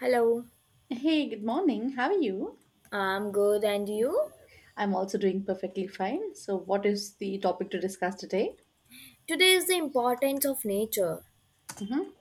Hello, Hey, good morning. How are you? I'm good, and you? I'm also doing perfectly fine. So, what is the topic to discuss today? Today is the importance of nature. hmm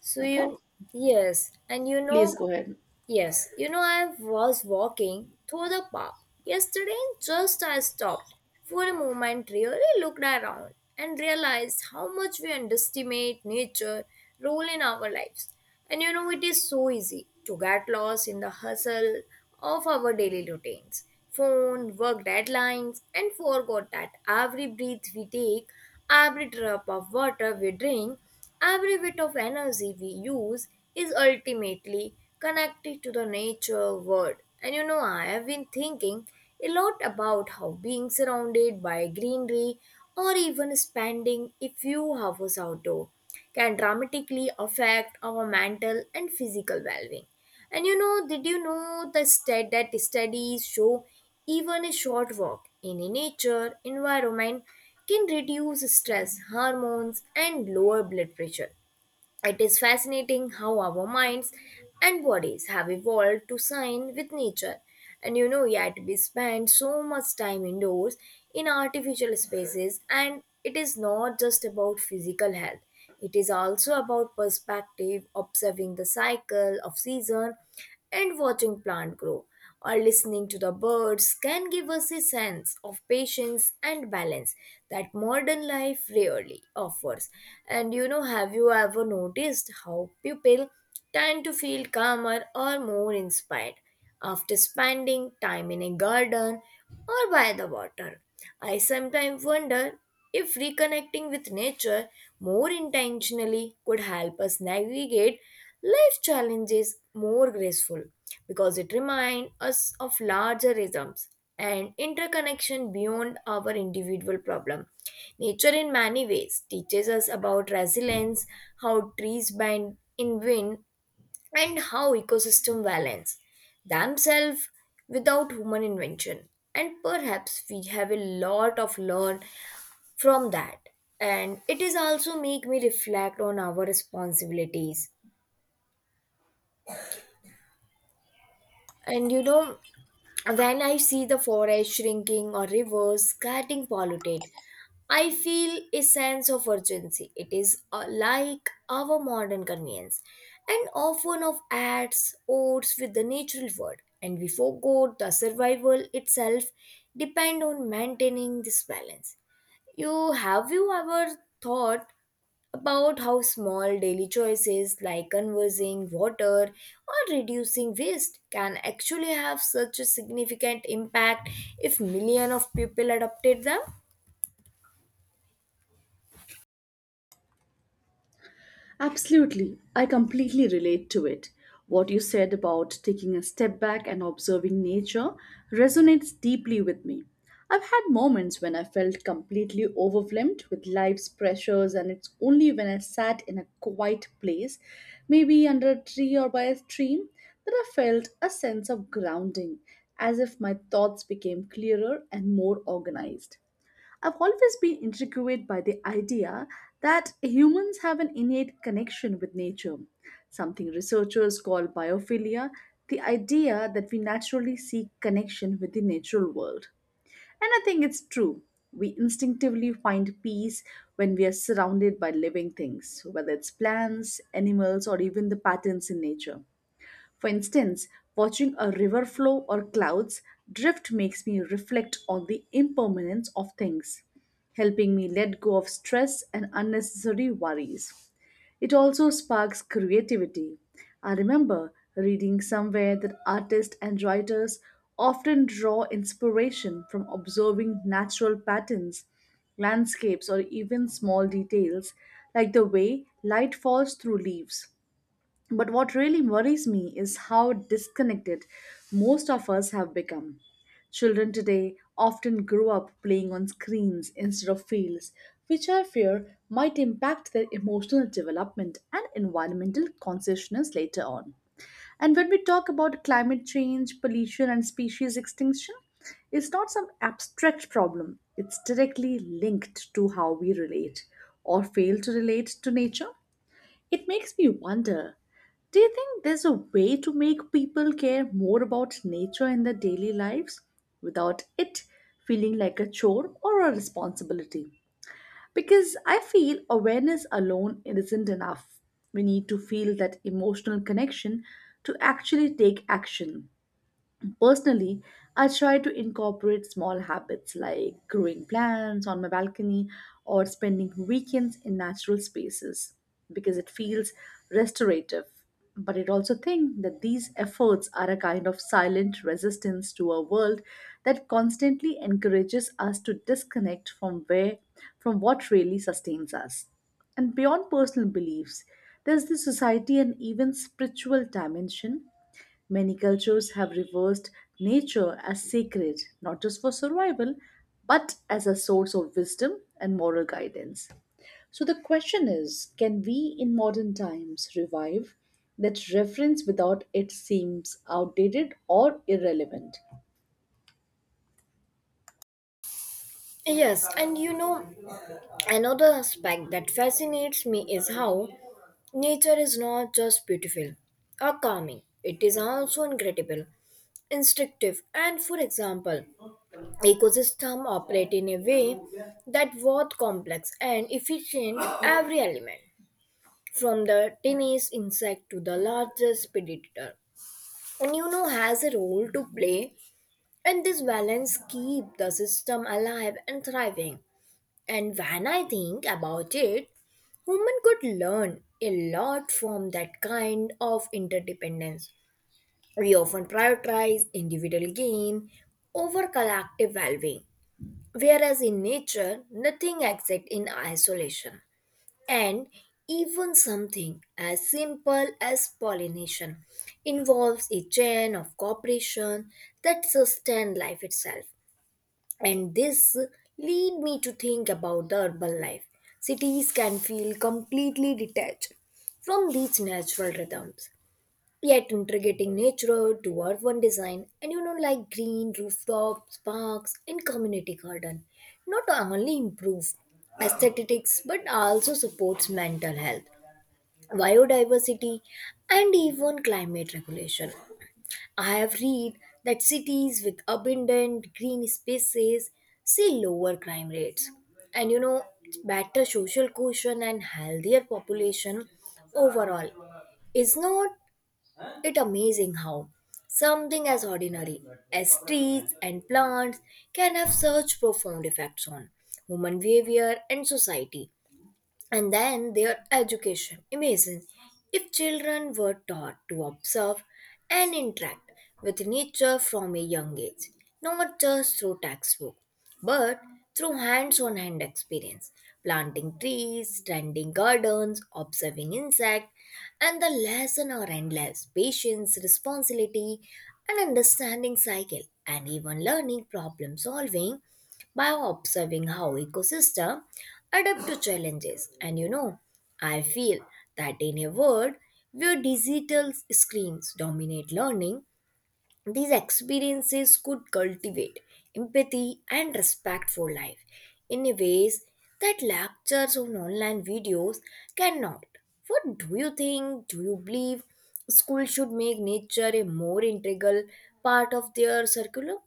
So Okay, you, yes, please go ahead. I was walking through the park yesterday and just I stopped for a moment, really looked around and realized how much we underestimate nature role in our lives. It is so easy to get lost in the hustle of our daily routines, phone, work deadlines, and forgot that every breath we take, every drop of water we drink, every bit of energy we use is ultimately connected to the nature world. I have been thinking a lot about how being surrounded by greenery or even spending a few hours outdoor can dramatically affect our mental and physical well being. Did you know the stat that studies show even a short walk in a nature environment can reduce stress hormones and lower blood pressure? It is fascinating how our minds and bodies have evolved to sign with nature. Yet we spend so much time indoors in artificial spaces, and it is not just about physical health. It is also about perspective, observing the cycle of season, and watching plant grow or listening to the birds can give us a sense of patience and balance that modern life rarely offers. Have you ever noticed how people tend to feel calmer or more inspired after spending time in a garden or by the water? I sometimes wonder if reconnecting with nature more intentionally could help us navigate life challenges more graceful because it reminds us of larger rhythms and interconnection beyond our individual problem. Nature in many ways teaches us about resilience, how trees bend in wind, and how ecosystem balance themselves without human invention. And perhaps we have a lot of learn from that, and it is also make me reflect on our responsibilities. And you know When I see the forest shrinking or rivers getting polluted, I feel a sense of urgency. It is like our modern convenience and often of ads odds with the natural world, and we forgot the survival itself depend on maintaining this balance. You ever thought about how small daily choices like conserving water or reducing waste can actually have such a significant impact if millions of people adopted them? Absolutely. I completely relate to it. What you said about taking a step back and observing nature resonates deeply with me. I've had moments when I felt completely overwhelmed with life's pressures, and it's only when I sat in a quiet place, maybe under a tree or by a stream, that I felt a sense of grounding, as if my thoughts became clearer and more organized. I've always been intrigued by the idea that humans have an innate connection with nature, something researchers call biophilia, the idea that we naturally seek connection with the natural world. And I think it's true. We instinctively find peace when we are surrounded by living things, whether it's plants, animals, or even the patterns in nature. For instance, watching a river flow or clouds drift makes me reflect on the impermanence of things, helping me let go of stress and unnecessary worries. It also sparks creativity. I remember reading somewhere that artists and writers often draw inspiration from observing natural patterns, landscapes, or even small details like the way light falls through leaves. But what really worries me is how disconnected most of us have become. Children today often grow up playing on screens instead of fields, which I fear might impact their emotional development and environmental consciousness later on. And when we talk about climate change, pollution, and species extinction, it's not some abstract problem. It's directly linked to how we relate or fail to relate to nature. It makes me wonder, do you think there's a way to make people care more about nature in their daily lives without it feeling like a chore or a responsibility? Because I feel awareness alone isn't enough. We need to feel that emotional connection to actually take action. Personally, I try to incorporate small habits like growing plants on my balcony or spending weekends in natural spaces because it feels restorative. But it also think that these efforts are a kind of silent resistance to a world that constantly encourages us to disconnect from where from what really sustains us. And beyond personal beliefs, there's the society and even spiritual dimension. Many cultures have reversed nature as sacred, not just for survival, but as a source of wisdom and moral guidance. So the question is, can we in modern times revive that reference without it seems outdated or irrelevant? Yes, another aspect that fascinates me is how nature is not just beautiful or calming, it is also incredible, instructive, and for example, ecosystem operate in a way that both complex and efficient. Every element from the tiniest insect to the largest predator and you know has a role to play, and this balance keep the system alive and thriving. And when I think about it, human could learn a lot from that kind of interdependence. We often prioritize individual gain over collective well being, whereas in nature, nothing exists in isolation. And even something as simple as pollination involves a chain of cooperation that sustains life itself. And this lead me to think about the urban life. Cities can feel completely detached from these natural rhythms, yet integrating nature to urban design, and you know like green rooftops, parks, and community garden, not only improve aesthetics but also supports mental health, biodiversity, and even climate regulation. I have read that cities with abundant green spaces see lower crime rates, and you know better social cohesion and healthier population overall. Is not it amazing how something as ordinary as trees and plants can have such profound effects on human behavior and society? And then their education. Imagine if children were taught to observe and interact with nature from a young age, not just through textbook, but through hands-on hand experience, planting trees, tending gardens, observing insects, and the lesson are endless. Patience, responsibility, and understanding cycle, and even learning problem solving by observing how ecosystems adapt to challenges. I feel that in a world where digital screens dominate learning, these experiences could cultivate empathy and respect for life in ways that lectures on online videos cannot. What do you think? Do you believe school should make nature a more integral part of their curriculum?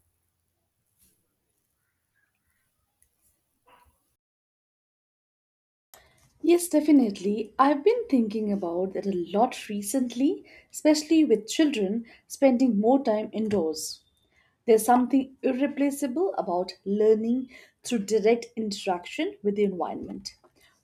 Yes, definitely. I've been thinking about that a lot recently, especially with children spending more time indoors. There's something irreplaceable about learning through direct interaction with the environment.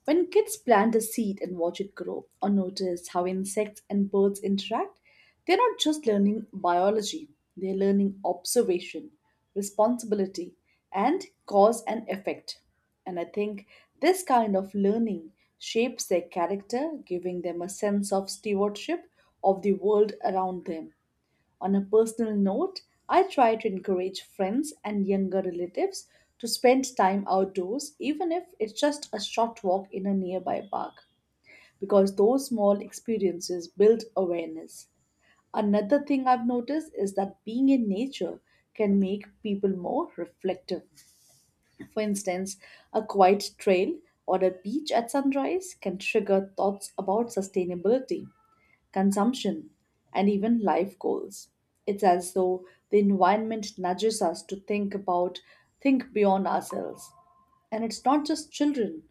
When kids plant a seed and watch it grow, or notice how insects and birds interact, they're not just learning biology, they're learning observation, responsibility, and cause and effect. And I think this kind of learning shapes their character, giving them a sense of stewardship of the world around them. On a personal note, I try to encourage friends and younger relatives to spend time outdoors, even if it's just a short walk in a nearby park, because those small experiences build awareness. Another thing I've noticed is that being in nature can make people more reflective. For instance, a quiet trail or a beach at sunrise can trigger thoughts about sustainability, consumption, and even life goals. It's as though the environment nudges us to think beyond ourselves. And it's not just children,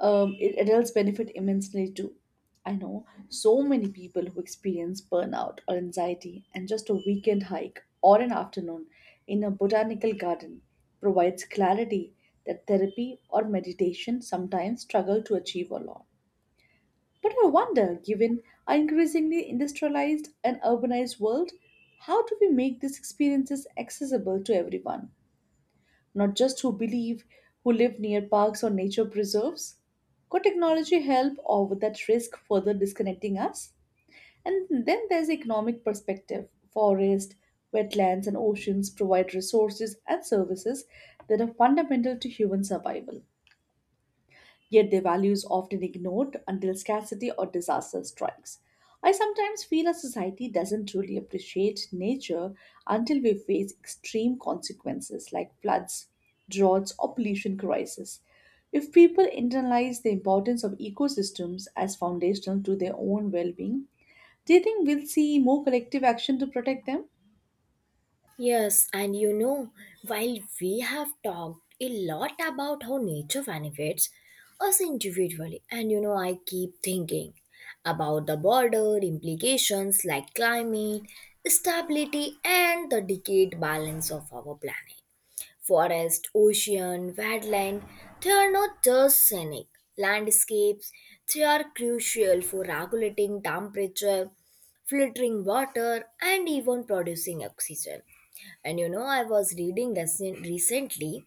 adults benefit immensely too. I know so many people who experience burnout or anxiety, and just a weekend hike or an afternoon in a botanical garden provides clarity that therapy or meditation sometimes struggle to achieve alone. But I wonder, given our increasingly industrialized and urbanized world, how do we make these experiences accessible to everyone, not just who live near parks or nature preserves? Could technology help or would that risk further disconnecting us? And then there's the economic perspective. Forest, wetlands, and oceans provide resources and services that are fundamental to human survival, yet their value is often ignored until scarcity or disaster strikes. I sometimes feel our society doesn't truly appreciate nature until we face extreme consequences like floods, droughts, or pollution crises. If people internalize the importance of ecosystems as foundational to their own well being, do you think we'll see more collective action to protect them? Yes, while we have talked a lot about how nature benefits us individually, I keep thinking about the border implications like climate, stability, and the decayed balance of our planet. Forest, ocean, wetland, they are not just scenic landscapes, they are crucial for regulating temperature, filtering water, and even producing oxygen. I was reading recently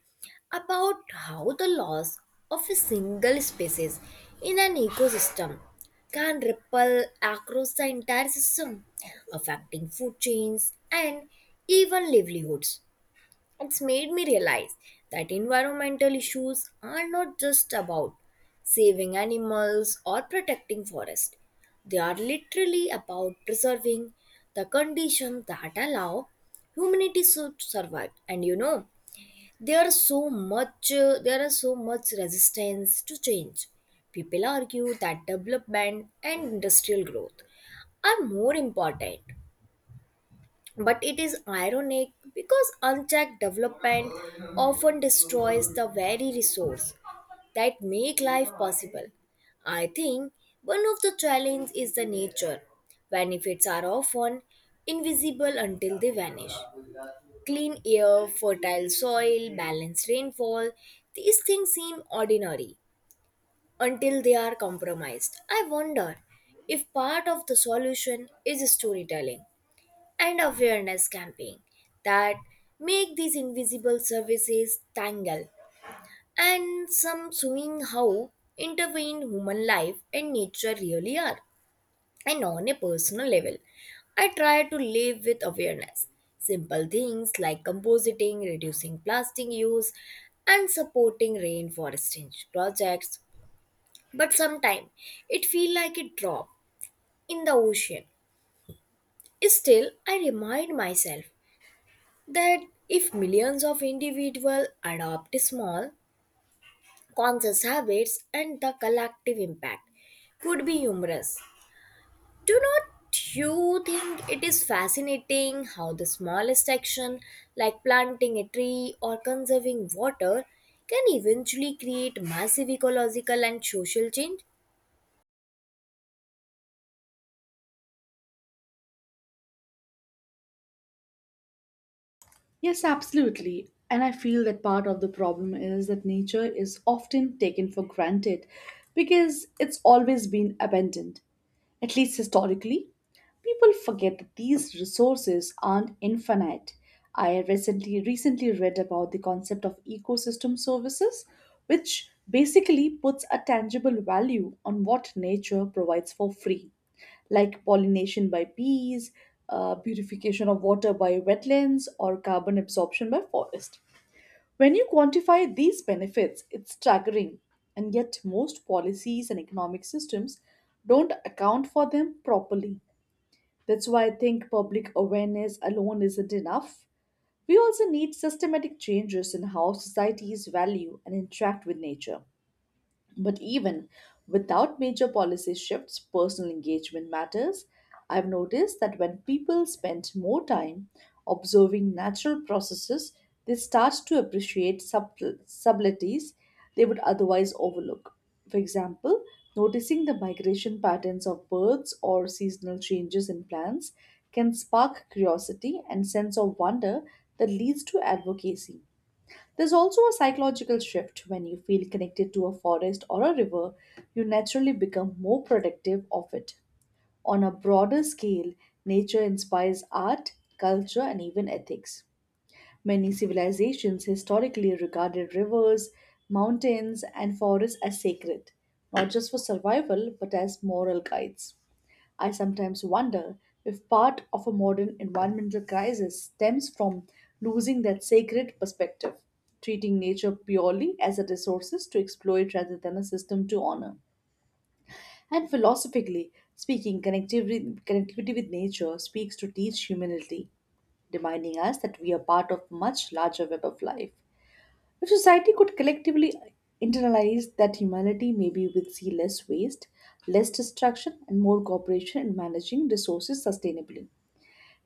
about how the loss of a single species in an ecosystem can ripple across the entire system, affecting food chains and even livelihoods. It's made me realize that environmental issues are not just about saving animals or protecting forests. They are literally about preserving the conditions that allow humanity to survive. There are so much there are so much resistance to change. People argue that development and industrial growth are more important, but it is ironic because unchecked development often destroys the very resource that make life possible. I think one of the challenges is the nature. Benefits are often invisible until they vanish. Clean air, fertile soil, balanced rainfall, these things seem ordinary until they are compromised. I wonder if part of the solution is storytelling and awareness campaign that make these invisible services tangle and some showing how intervened human life and nature really are. And on a personal level, I try to live with awareness, simple things like compositing, reducing plastic use, and supporting rainforesting projects. But sometimes it feel like a drop in the ocean. Still, I remind myself that if millions of individuals adopt small, conscious habits, and the collective impact could be humorous. Do not you think it is fascinating how the smallest action, like planting a tree or conserving water, can eventually create massive ecological and social change? Yes, absolutely. And I feel that part of the problem is that nature is often taken for granted because it's always been abandoned, at least historically. People forget that these resources aren't infinite. I recently read about the concept of ecosystem services, which basically puts a tangible value on what nature provides for free, like pollination by bees, purification of water by wetlands, or carbon absorption by forest. When you quantify these benefits, it's staggering, and yet most policies and economic systems don't account for them properly. That's why I think public awareness alone isn't enough. We also need systematic changes in how societies value and interact with nature. But even without major policy shifts, personal engagement matters. I've noticed that when people spend more time observing natural processes, they start to appreciate subtleties they would otherwise overlook. For example, noticing the migration patterns of birds or seasonal changes in plants can spark curiosity and sense of wonder that leads to advocacy. There's also a psychological shift. When you feel connected to a forest or a river, you naturally become more protective of it. On a broader scale, nature inspires art, culture, and even ethics. Many civilizations historically regarded rivers, mountains, and forests as sacred, not just for survival but as moral guides. I sometimes wonder if part of a modern environmental crisis stems from losing that sacred perspective, treating nature purely as a resource to exploit rather than a system to honor. And philosophically speaking, connectivity with nature speaks to teach humility, reminding us that we are part of a much larger web of life. If society could collectively internalize that humanity, maybe we'd see less waste, less destruction, and more cooperation in managing resources sustainably.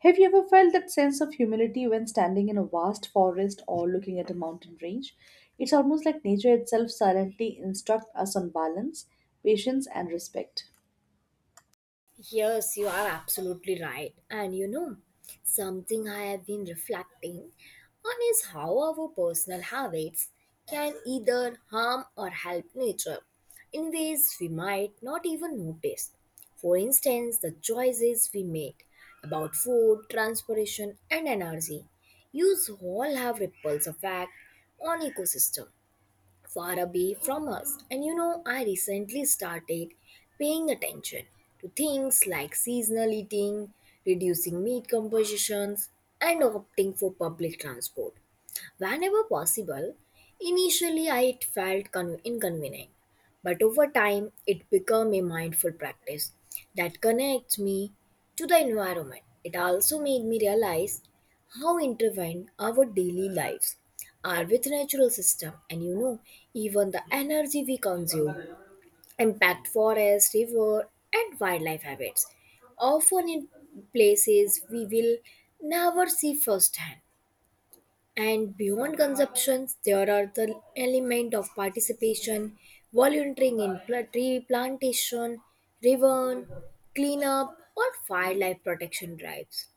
Have you ever felt that sense of humility when standing in a vast forest or looking at a mountain range? It's almost like nature itself silently instructs us on balance, patience, and respect. Yes, you are absolutely right. Something I have been reflecting on is how our personal habits can either harm or help nature in ways we might not even notice. For instance, the choices we make about food, transportation, and energy use all have ripples effect on ecosystem far away from us. I recently started paying attention to things like seasonal eating, reducing meat compositions, and opting for public transport. Whenever possible, initially it felt inconvenient, but over time it became a mindful practice that connects me to the environment. It also made me realize how intertwined our daily lives are with natural system, and you know even the energy we consume impact forest, river, and wildlife habits, often in places we will never see firsthand. And beyond consumptions, there are the element of participation, volunteering in tree plantation, ribbon, cleanup, or wildlife protection drives.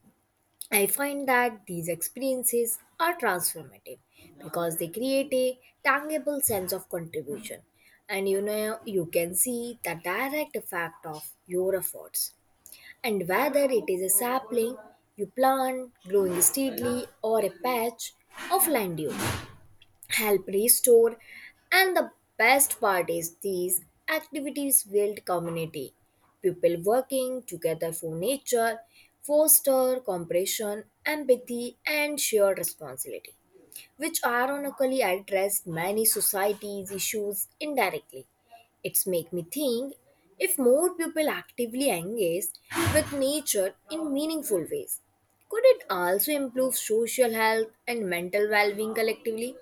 I find that these experiences are transformative because they create a tangible sense of contribution. You can see the direct effect of your efforts. And whether it is a sapling you plant growing steadily or a patch of land you help restore. And the best part is these activities build community. People working together for nature foster cooperation, empathy, and shared responsibility which ironically addressed many society's issues indirectly. It's make me think if more people actively engage with nature in meaningful ways, could it also improve social health and mental well-being collectively?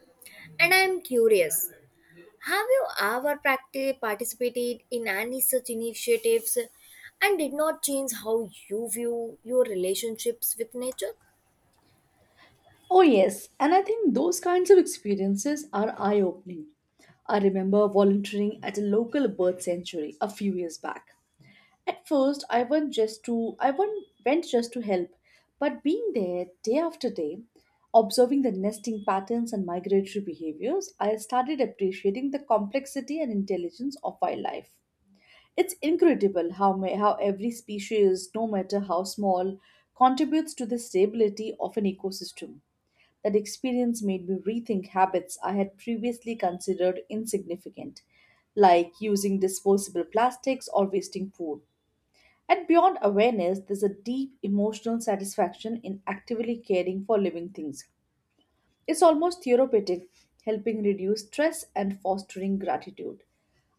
And I am curious, have you ever participated in any such initiatives and did not change how you view your relationships with nature? Oh, yes, and I think those kinds of experiences are eye opening. I remember volunteering at a local bird sanctuary a few years back. At first, I went just to I went, went just to help, but being there day after day, observing the nesting patterns and migratory behaviors, I started appreciating the complexity and intelligence of wildlife. It's incredible how every species, no matter how small, contributes to the stability of an ecosystem. That experience made me rethink habits I had previously considered insignificant, like using disposable plastics or wasting food. And beyond awareness, there's a deep emotional satisfaction in actively caring for living things. It's almost therapeutic, helping reduce stress and fostering gratitude.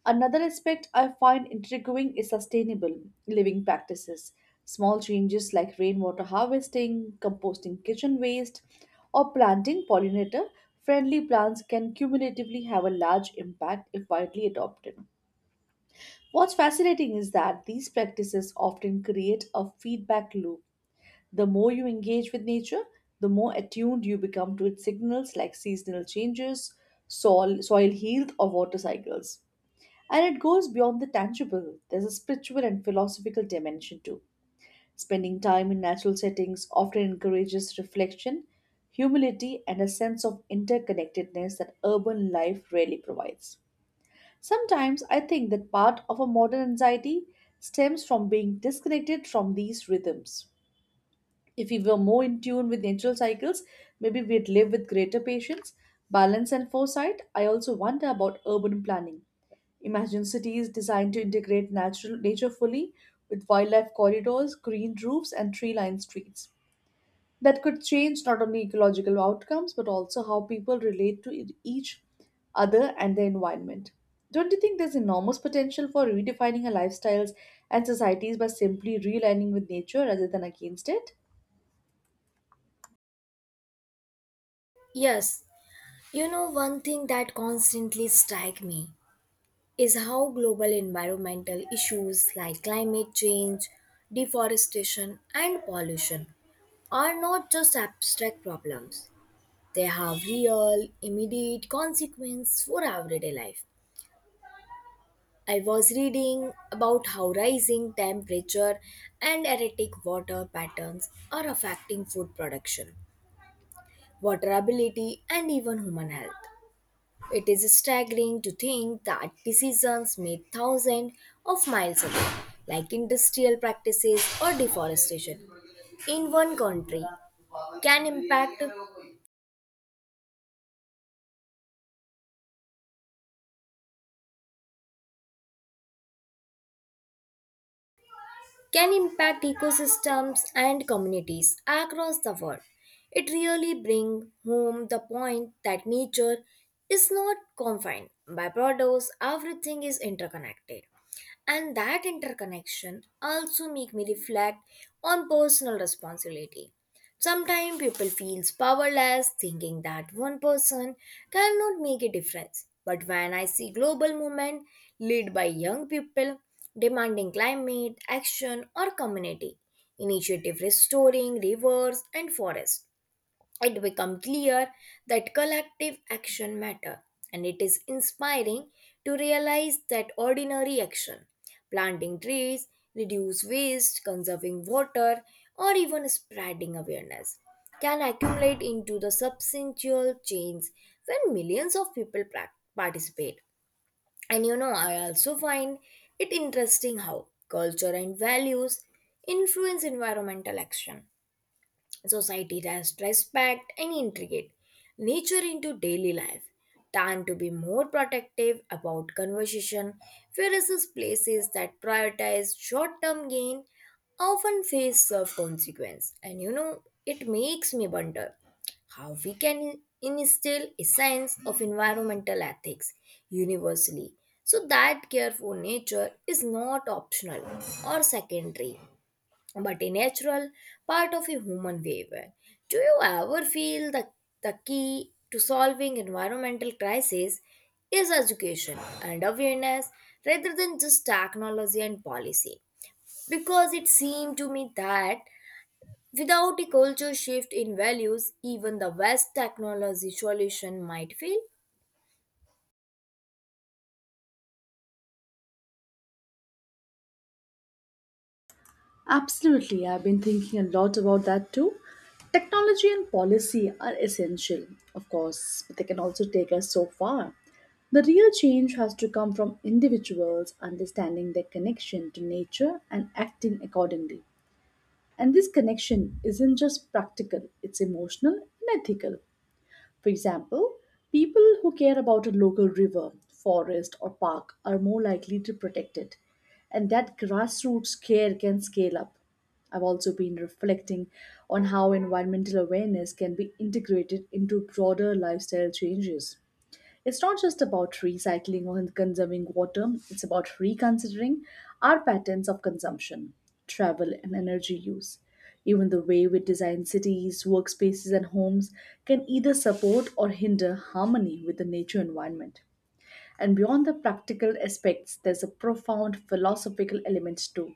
Another aspect I find intriguing is sustainable living practices. Small changes like rainwater harvesting, composting kitchen waste, or planting pollinator friendly plants can cumulatively have a large impact if widely adopted. What's fascinating is that these practices often create a feedback loop. The more you engage with nature, the more attuned you become to its signals like seasonal changes, soil health, or water cycles. And it goes beyond the tangible, there's a spiritual and philosophical dimension too. Spending time in natural settings often encourages reflection, humility, and a sense of interconnectedness that urban life rarely provides. Sometimes I think that part of our modern anxiety stems from being disconnected from these rhythms. If we were more in tune with natural cycles, maybe we'd live with greater patience, balance, and foresight. I also wonder about urban planning. Imagine cities designed to integrate natural nature fully with wildlife corridors, green roofs, and tree lined streets that could change not only ecological outcomes but also how people relate to each other and the environment. Don't you think there's enormous potential for redefining our lifestyles and societies by simply realigning with nature rather than against it? Yes, one thing that constantly strikes me is how global environmental issues like climate change, deforestation, and pollution are not just abstract problems. They have real, immediate consequences for everyday life. I was reading about how rising temperature and erratic water patterns are affecting food production, water ability, and even human health. It is staggering to think that decisions made thousands of miles away, like industrial practices or deforestation, in one country can impact can impact ecosystems and communities across the world. It really brings home the point that nature is not confined by borders, everything is interconnected. And that interconnection also make me reflect on personal responsibility. Sometimes people feels powerless thinking that one person cannot make a difference. But when I see global movement led by young people demanding climate action or community initiative restoring rivers and forests, it become clear that collective action matter, and it is inspiring to realize that ordinary action, planting trees, reduce waste, conserving water, or even spreading awareness can accumulate into the substantial change when millions of people participate. And you know I also find it interesting how culture and values influence environmental action. Society has respect and integrate nature into daily life. Time to be more protective about conversation, whereas these places that prioritize short-term gain often face serve consequence. It makes me wonder how we can instill a sense of environmental ethics universally so that care for nature is not optional or secondary but a natural part of a human behavior. Do you ever feel that the key to solving environmental crisis is education and awareness rather than just technology and policy? Because it seemed to me that without a culture shift in values, even the best technology solution might fail. Absolutely, I've been thinking a lot about that too. Technology and policy are essential, of course, but they can also take us so far. The real change has to come from individuals understanding their connection to nature and acting accordingly. And this connection isn't just practical, it's emotional and ethical. For example, people who care about a local river, forest, or park are more likely to protect it. And that grassroots care can scale up. I've also been reflecting on how environmental awareness can be integrated into broader lifestyle changes. It's not just about recycling or conserving water, it's about reconsidering our patterns of consumption, travel, and energy use. Even the way we design cities, workspaces, and homes can either support or hinder harmony with the nature environment. And beyond the practical aspects, there's a profound philosophical element too.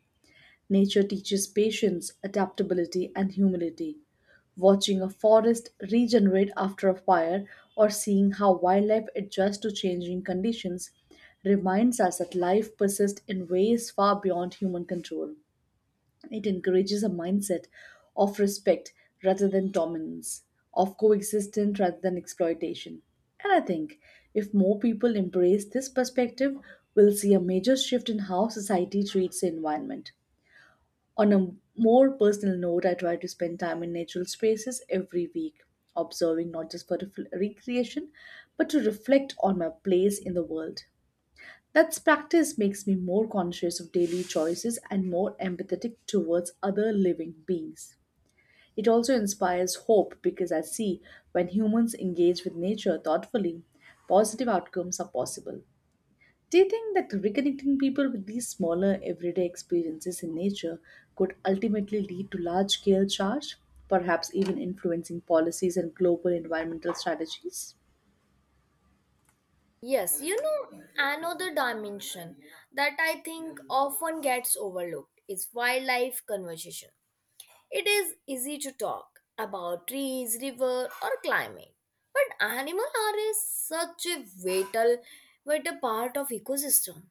Nature teaches patience, adaptability, and humility. Watching a forest regenerate after a fire or seeing how wildlife adjusts to changing conditions reminds us that life persists in ways far beyond human control. It encourages a mindset of respect rather than dominance, of coexistence rather than exploitation. And I think if more people embrace this perspective, we'll see a major shift in how society treats the environment. On a more personal note, I try to spend time in natural spaces every week, observing not just for recreation, but to reflect on my place in the world. That practice makes me more conscious of daily choices and more empathetic towards other living beings. It also inspires hope because I see when humans engage with nature thoughtfully, positive outcomes are possible. Do you think that reconnecting people with these smaller everyday experiences in nature could ultimately lead to large scale change, perhaps even influencing policies and global environmental strategies? Yes, another dimension that I think often gets overlooked is wildlife conservation. It is easy to talk about trees, river, or climate, but animals are such a vital, vital part of ecosystem.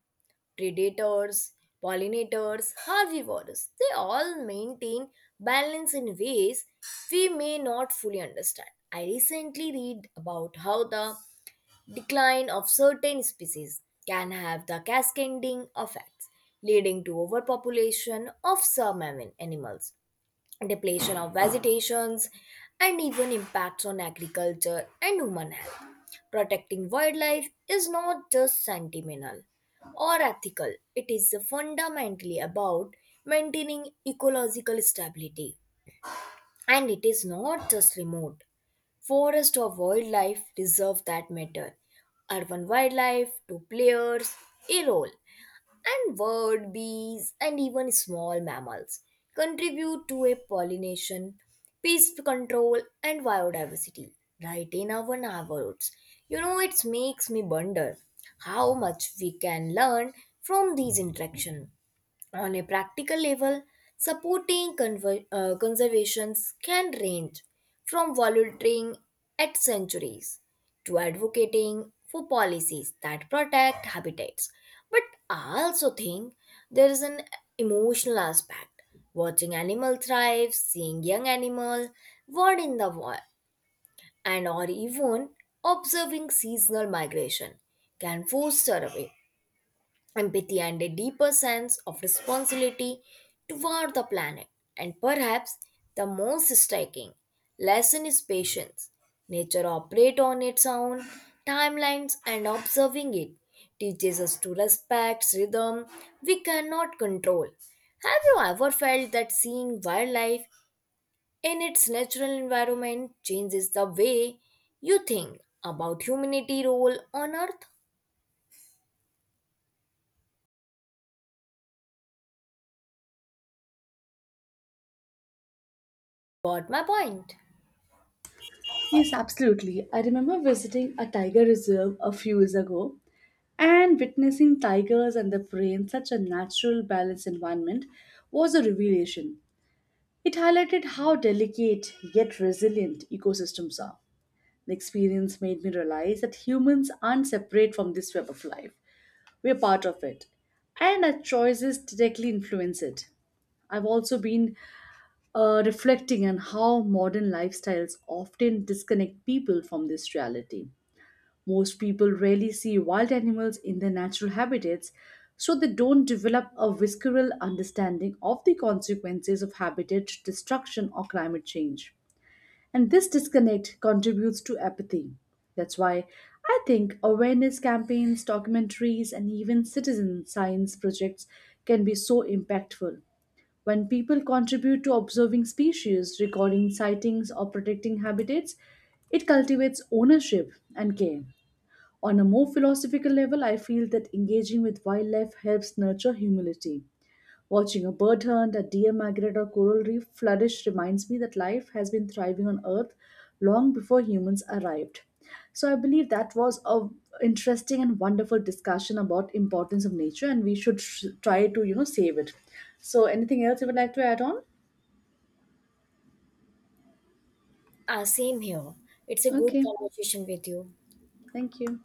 Predators, pollinators, herbivores, they all maintain balance in ways we may not fully understand. I recently read about how the decline of certain species can have the cascading effects, leading to overpopulation of some animals, depletion of vegetations, and even impacts on agriculture and human health. Protecting wildlife is not just sentimental or ethical, it is fundamentally about maintaining ecological stability. And it is not just remote. Forest or wildlife reserve that matter. Urban wildlife to players a role, and bird, bees, and even small mammals contribute to a pollination, pest control, and biodiversity right in our neighborhoods. It makes me wonder how much we can learn from these interactions on a practical level, supporting conservations can range from volunteering at sanctuaries to advocating for policies that protect habitats. But I also think there is an emotional aspect. Watching animal thrive, seeing young animal born in the wild, and or even observing seasonal migration can foster away empathy and a deeper sense of responsibility toward the planet. And perhaps the most striking lesson is patience. Nature operates on its own timelines, and observing it teaches us to respect rhythm we cannot control. Have you ever felt that seeing wildlife in its natural environment changes the way you think about humanity role on earth? Got my point? Yes, absolutely. I remember visiting a tiger reserve a few years ago and witnessing tigers and their prey in such a natural, balanced environment was a revelation. It highlighted how delicate yet resilient ecosystems are. The experience made me realize that humans aren't separate from this web of life. We're part of it, and our choices directly influence it. I've also been reflecting on how modern lifestyles often disconnect people from this reality. Most people rarely see wild animals in their natural habitats, so they don't develop a visceral understanding of the consequences of habitat destruction or climate change. And this disconnect contributes to apathy. That's why I think awareness campaigns, documentaries, and even citizen science projects can be so impactful. When people contribute to observing species, recording sightings, or protecting habitats, it cultivates ownership and care. On a more philosophical level, I feel that engaging with wildlife helps nurture humility. Watching a bird hunt, a deer migrate, or coral reef flourish reminds me that life has been thriving on Earth long before humans arrived. So I believe that was a interesting and wonderful discussion about importance of nature, and we should try to you know save it. So anything else you would like to add on? Ah, same here. It's a good Okay, conversation with you. thank you.